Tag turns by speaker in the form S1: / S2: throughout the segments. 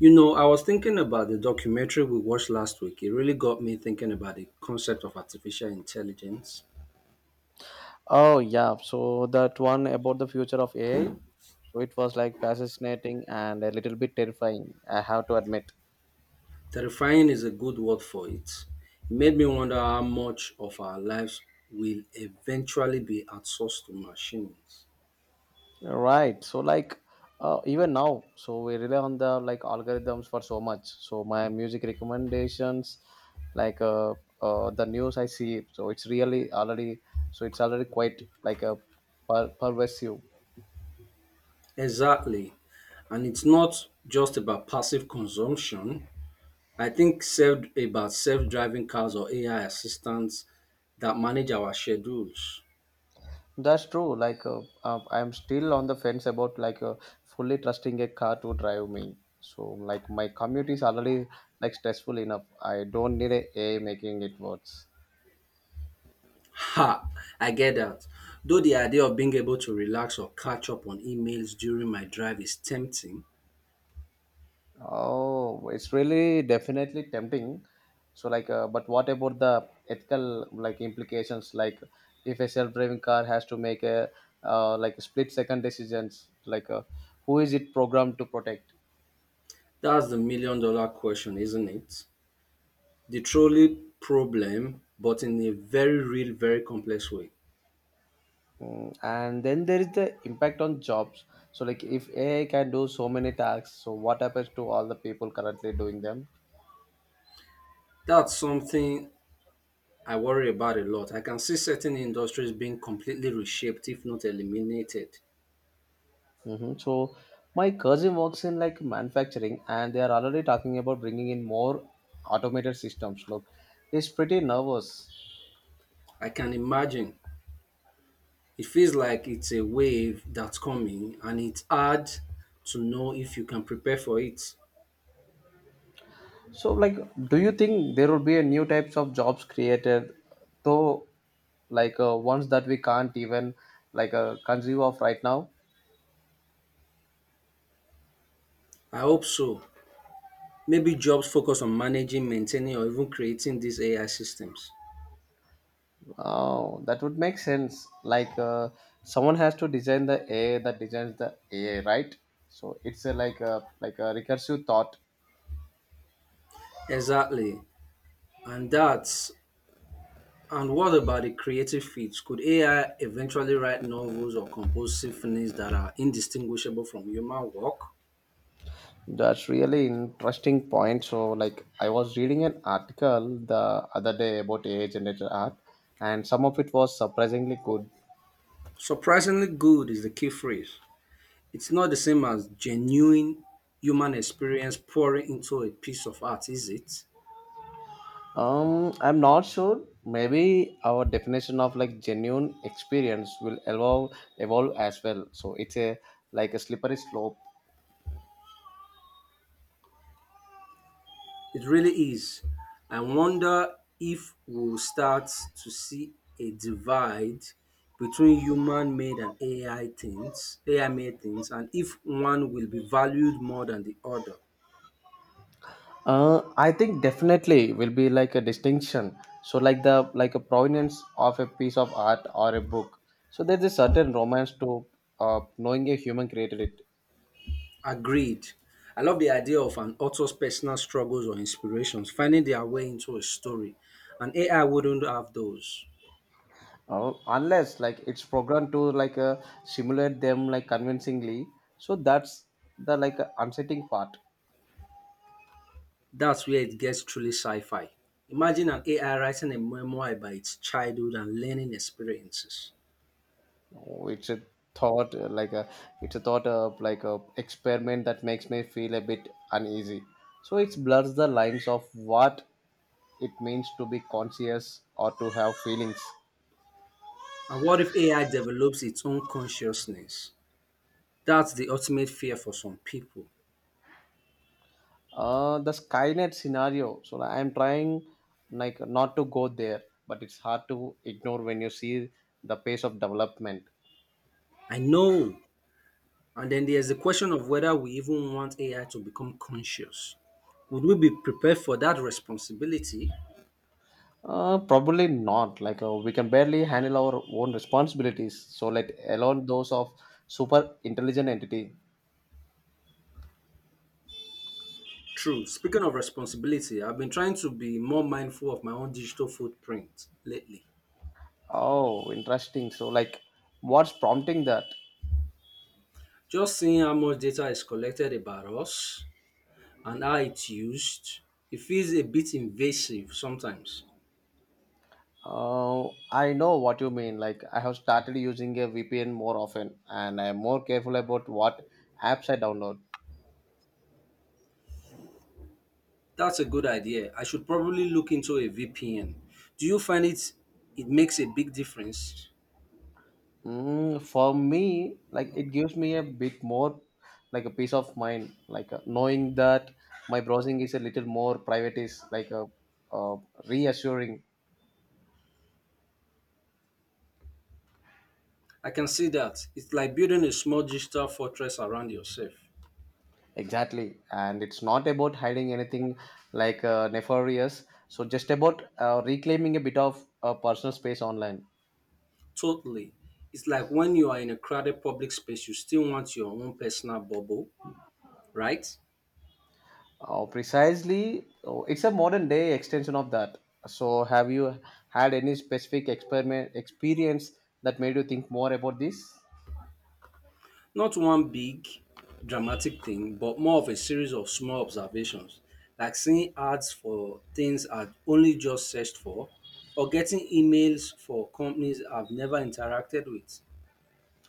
S1: You know, I was thinking about the documentary we watched last week. It really got me thinking about the concept of artificial intelligence.
S2: Oh yeah, so that one about the future of AI. So it was like fascinating and a little bit terrifying, I have to admit.
S1: Terrifying is a good word for it. It made me wonder how much of our lives will eventually be outsourced to machines.
S2: Right. So like even now, so we rely on the like algorithms for so much. So my music recommendations, like uh, the news I see, so it's already quite like a pervasive.
S1: Exactly. And it's not just about passive consumption. I think about self driving cars or AI assistants that manage our schedules.
S2: That's true. I'm still on the fence about fully trusting a car to drive me. So like my commute is already like stressful enough. I don't need a AI making it worse.
S1: Ha! I get that. Though the idea of being able to relax or catch up on emails during my drive is tempting,
S2: Oh, it's really definitely tempting. So like, but what about the ethical like implications? Like, if a self-driving car has to make a like split-second decisions, who is it programmed to protect?
S1: that's the million-dollar question, isn't it? The trolley problem, but in a very real, very complex way.
S2: Mm, and then there is the impact on jobs, so like if ai can do so many tasks, so what happens to all the people currently doing them?
S1: That's something I worry about a lot. I can see certain industries being completely reshaped, if not eliminated.
S2: Hmm, so my cousin works in like manufacturing and they are already talking about bringing in more automated systems. Look, he's pretty nervous.
S1: I can imagine. It feels like it's a wave that's coming, and it's hard to know if you can prepare for it.
S2: So like, do you think there will be a new types of jobs created, though, ones that we can't even conceive of right now?
S1: I hope so. Maybe jobs focus on managing, maintaining, or even creating these AI systems.
S2: Oh, that would make sense. Someone has to design the AI that designs the AI, right? So it's a, like a recursive thought.
S1: Exactly. And that's and what about the creative fields? Could AI eventually write novels or compose symphonies that are indistinguishable from human work?
S2: That's really interesting point. So like I was reading an article the other day about AI generated art, and some of it was surprisingly good.
S1: Surprisingly good is the key phrase. It's not the same as genuine human experience pouring into a piece of art, is it?
S2: I'm not sure. Maybe our definition of like genuine experience will evolve as well. So it's a like a slippery slope.
S1: It really is. I wonder if we'll start to see a divide between human made and AI made things, and if one will be valued more than the other.
S2: I think definitely will be like a distinction. So like the like a provenance of a piece of art or a book. So there's a certain romance to knowing a human created it.
S1: Agreed. I love the idea of an author's personal struggles or inspirations, finding their way into a story. And AI wouldn't have those.
S2: Unless like it's programmed to simulate them like convincingly. So that's the unsettling part.
S1: That's where it gets truly sci fi. Imagine an AI writing a memoir about its childhood and learning experiences.
S2: it's a thought uh, like a it's a thought of like a experiment that makes me feel a bit uneasy, so it blurs the lines of what it means to be conscious or to have feelings.
S1: And what if AI develops its own consciousness? That's the ultimate fear for some people.
S2: Uh, the skynet scenario, so I'm trying like not to go there, but it's hard to ignore when you see the pace of development.
S1: I know. And then there's the question of whether we even want AI to become conscious. Would we be prepared for that responsibility?
S2: Uh, probably not. We can barely handle our own responsibilities, so let alone those of super intelligent entity.
S1: True. Speaking of responsibility, I've been trying to be more mindful of my own digital footprint lately.
S2: Oh, interesting. So, like, what's prompting that?
S1: Just seeing how much data is collected about us and how it's used, it feels a bit invasive sometimes.
S2: I know what you mean. Like, I have started using a VPN more often, and I'm more careful about what apps I download.
S1: That's a good idea. I should probably look into a VPN. Do you find it makes a big difference?
S2: Mm, for me, like, it gives me a bit more, like, a peace of mind. Like, knowing that my browsing is a little more private is like a uh, reassuring.
S1: I can see that. It's like building a small digital fortress around yourself.
S2: Exactly, and it's not about hiding anything nefarious. So just about reclaiming a bit of personal space online.
S1: Totally. It's like when you are in a crowded public space, you still want your own personal bubble, right?
S2: Oh, precisely, oh, it's a modern day extension of that. So have you had any specific experiment experience that made you think more about this?
S1: Not one big dramatic thing, but more of a series of small observations, like seeing ads for things I'd only just searched for, or getting emails for companies I've never interacted with.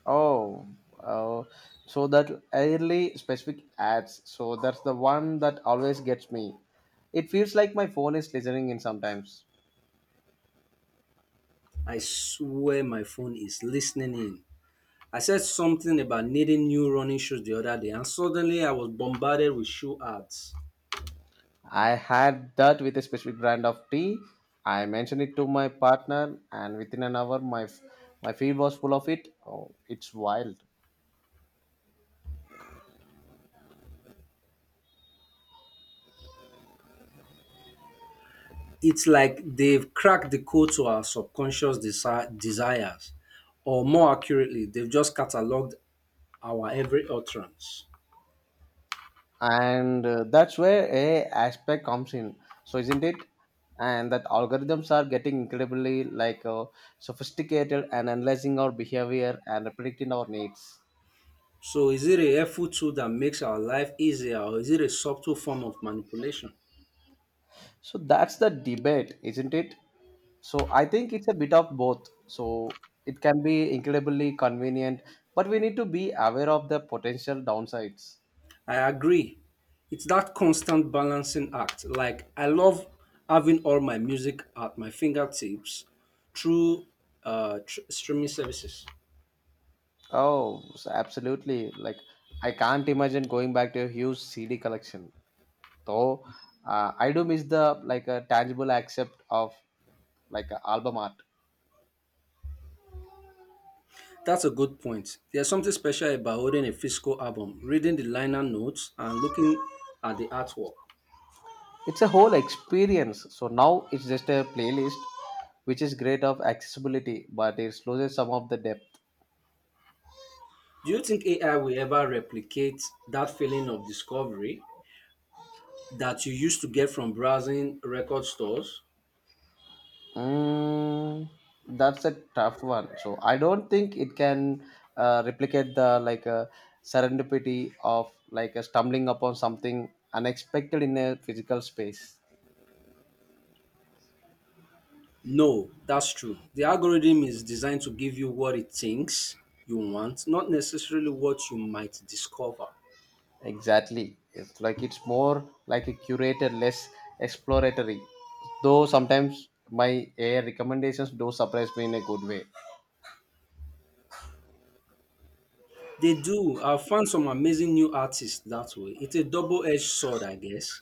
S2: Oh, uh, so that early specific ads. So that's the one that always gets me. It feels like my phone is listening in sometimes.
S1: I swear my phone is listening in. I said something about needing new running shoes the other day, and suddenly I was bombarded with shoe ads.
S2: I had that with a specific brand of tea. I mentioned it to my partner, and within an hour, my feed was full of it. Oh, it's wild,
S1: It's like they've cracked the code to our subconscious desires, or more accurately, they've just cataloged our every utterance.
S2: and that's where a aspect comes in. So, isn't it? And that algorithms are getting incredibly sophisticated and analyzing our behavior and predicting our needs.
S1: So, is it a helpful tool that makes our life easier, or is it a subtle form of manipulation?
S2: So that's the debate, isn't it? So I think it's a bit of both. So it can be incredibly convenient, but we need to be aware of the potential downsides.
S1: I agree. It's that constant balancing act. Like, I love having all my music at my fingertips through streaming services.
S2: Oh, so absolutely. Like, I can't imagine going back to a huge CD collection. Though, I do miss the like a tangible accept of like a album art.
S1: That's a good point. There's something special about holding a physical album, reading the liner notes, and looking at the artwork.
S2: It's a whole experience. So now it's just a playlist, which is great of accessibility, but it loses some of the depth.
S1: Do you think AI will ever replicate that feeling of discovery that you used to get from browsing record stores?
S2: Mm, that's a tough one. So I don't think it can replicate the serendipity of stumbling upon something unexpected in a physical space.
S1: No, that's true. The algorithm is designed to give you what it thinks you want, not necessarily what you might discover.
S2: Exactly. It's like it's more like a curated, less exploratory. Though sometimes my AI recommendations do surprise me in a good way.
S1: They do. I've found some amazing new artists that way. It's a double edged sword, I guess.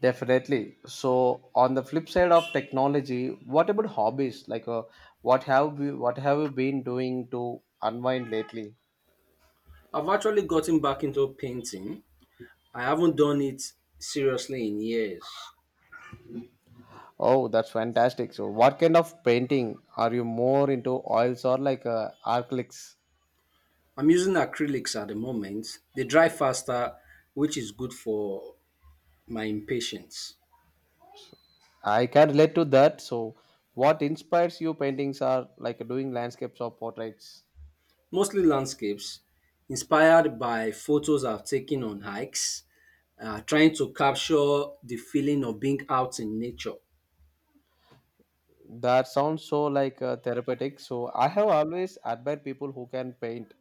S2: Definitely. So, on the flip side of technology, what about hobbies? Like, what have you been doing to unwind lately?
S1: I've actually gotten back into painting. I haven't done it seriously in years.
S2: Oh, that's fantastic. So, what kind of painting are you more into? Oils or acrylics?
S1: I'm using acrylics at the moment. They dry faster, which is good for my impatience.
S2: I can relate to that. So, what inspires you? Paintings are like doing landscapes or portraits?
S1: Mostly landscapes inspired by photos I've taken on hikes, trying to capture the feeling of being out in nature.
S2: That sounds so therapeutic. So, I have always admired people who can paint.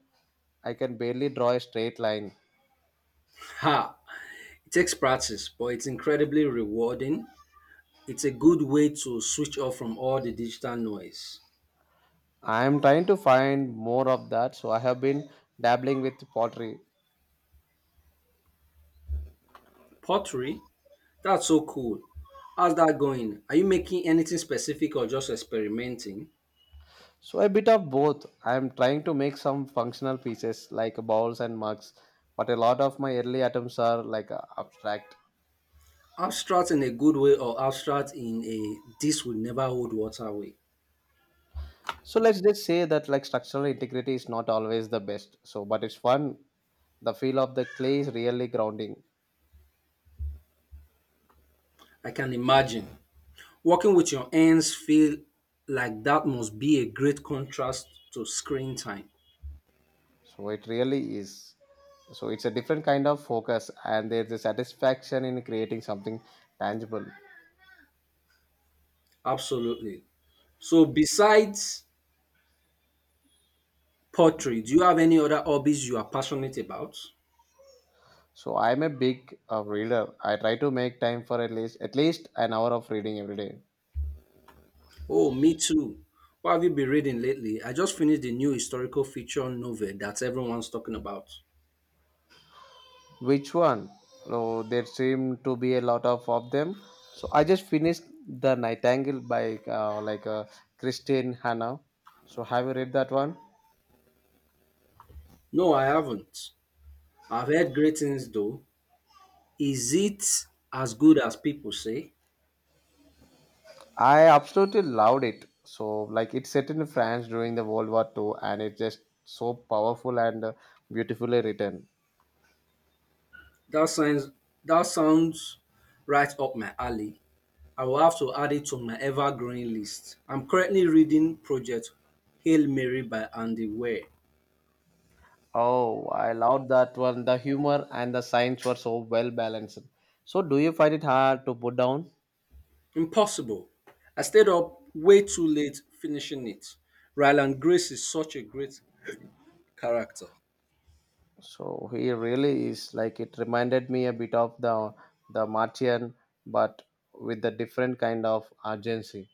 S2: I can barely draw a straight line.
S1: Ha! It takes practice, but it's incredibly rewarding. It's a good way to switch off from all the digital noise.
S2: I am trying to find more of that, so I have been dabbling with pottery.
S1: Pottery? That's so cool. How's that going? Are you making anything specific or just experimenting?
S2: So a bit of both. I am trying to make some functional pieces like bowls and mugs, but a lot of my early attempts are abstract.
S1: Abstract in a good way or abstract in a this will never hold water way?
S2: So let's just say that like structural integrity is not always the best. So but it's fun. The feel of the clay is really grounding.
S1: I can imagine. Working with your hands feel like that must be a great contrast to screen time.
S2: So it really is. So it's a different kind of focus and there's a satisfaction in creating something tangible.
S1: Absolutely. So besides pottery, do you have any other hobbies you are passionate about?
S2: So I'm a big reader. I try to make time for at least an hour of reading every day.
S1: Oh, me too. What have you been reading lately? I just finished the new historical fiction novel that everyone's talking about.
S2: Which one? Oh, there seem to be a lot of them. So I just finished The Nightingale by Christine Hanna. So have you read that one?
S1: No, I haven't. I've heard great things though. Is it as good as people say?
S2: I absolutely loved it. So like it's set in France during the World War Two, and it's just so powerful and beautifully written.
S1: That sounds that sounds right up my alley. I will have to add it to my ever-growing list. I'm currently reading Project Hail Mary by Andy Weir.
S2: Oh, I loved that one. The humor and the science were so well balanced. So, do you find it hard to put down?
S1: Impossible. I stayed up way too late finishing it. Ryland Grace is such a great character.
S2: So, he really is like it reminded me a bit of the Martian, but with a different kind of urgency.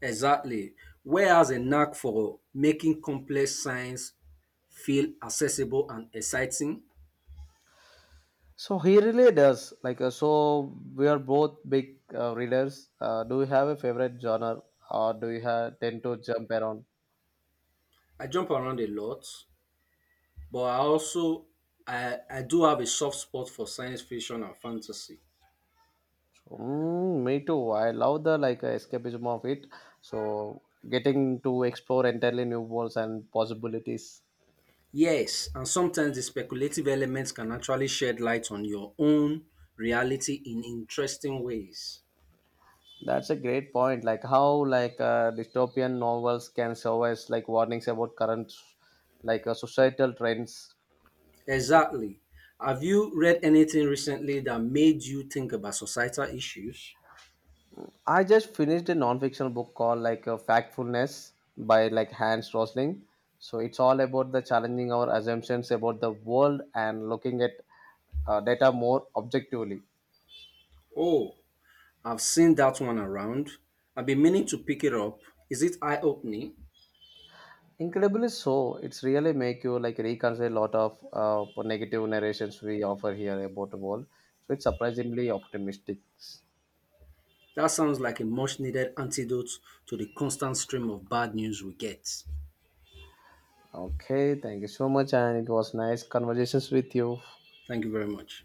S1: Exactly. Weir has a knack for making complex science feel accessible and exciting.
S2: So, he really does so. We are both big readers. Do you have a favorite genre, or do you have, tend to jump around?
S1: I jump around a lot, but I also I do have a soft spot for science fiction and fantasy.
S2: Mm, me too. I love the escapism of it. So getting to explore entirely new worlds and possibilities.
S1: Yes, and sometimes the speculative elements can actually shed light on your own reality in interesting ways.
S2: That's a great point. Like how dystopian novels can serve as like warnings about current societal trends.
S1: Exactly. Have you read anything recently that made you think about societal issues?
S2: I just finished a non-fictional book called Factfulness by like Hans Rosling. So it's all about the challenging our assumptions about the world and looking at data more objectively.
S1: Oh, I've seen that one around. I've been meaning to pick it up. Is it eye opening?
S2: Incredibly so. It's really make you like reconsider a lot of negative narrations we offer here about the world. So it's surprisingly optimistic.
S1: That sounds like a much needed antidote to the constant stream of bad news we get.
S2: Okay, thank you so much, and it was nice conversations with you.
S1: Thank you very much.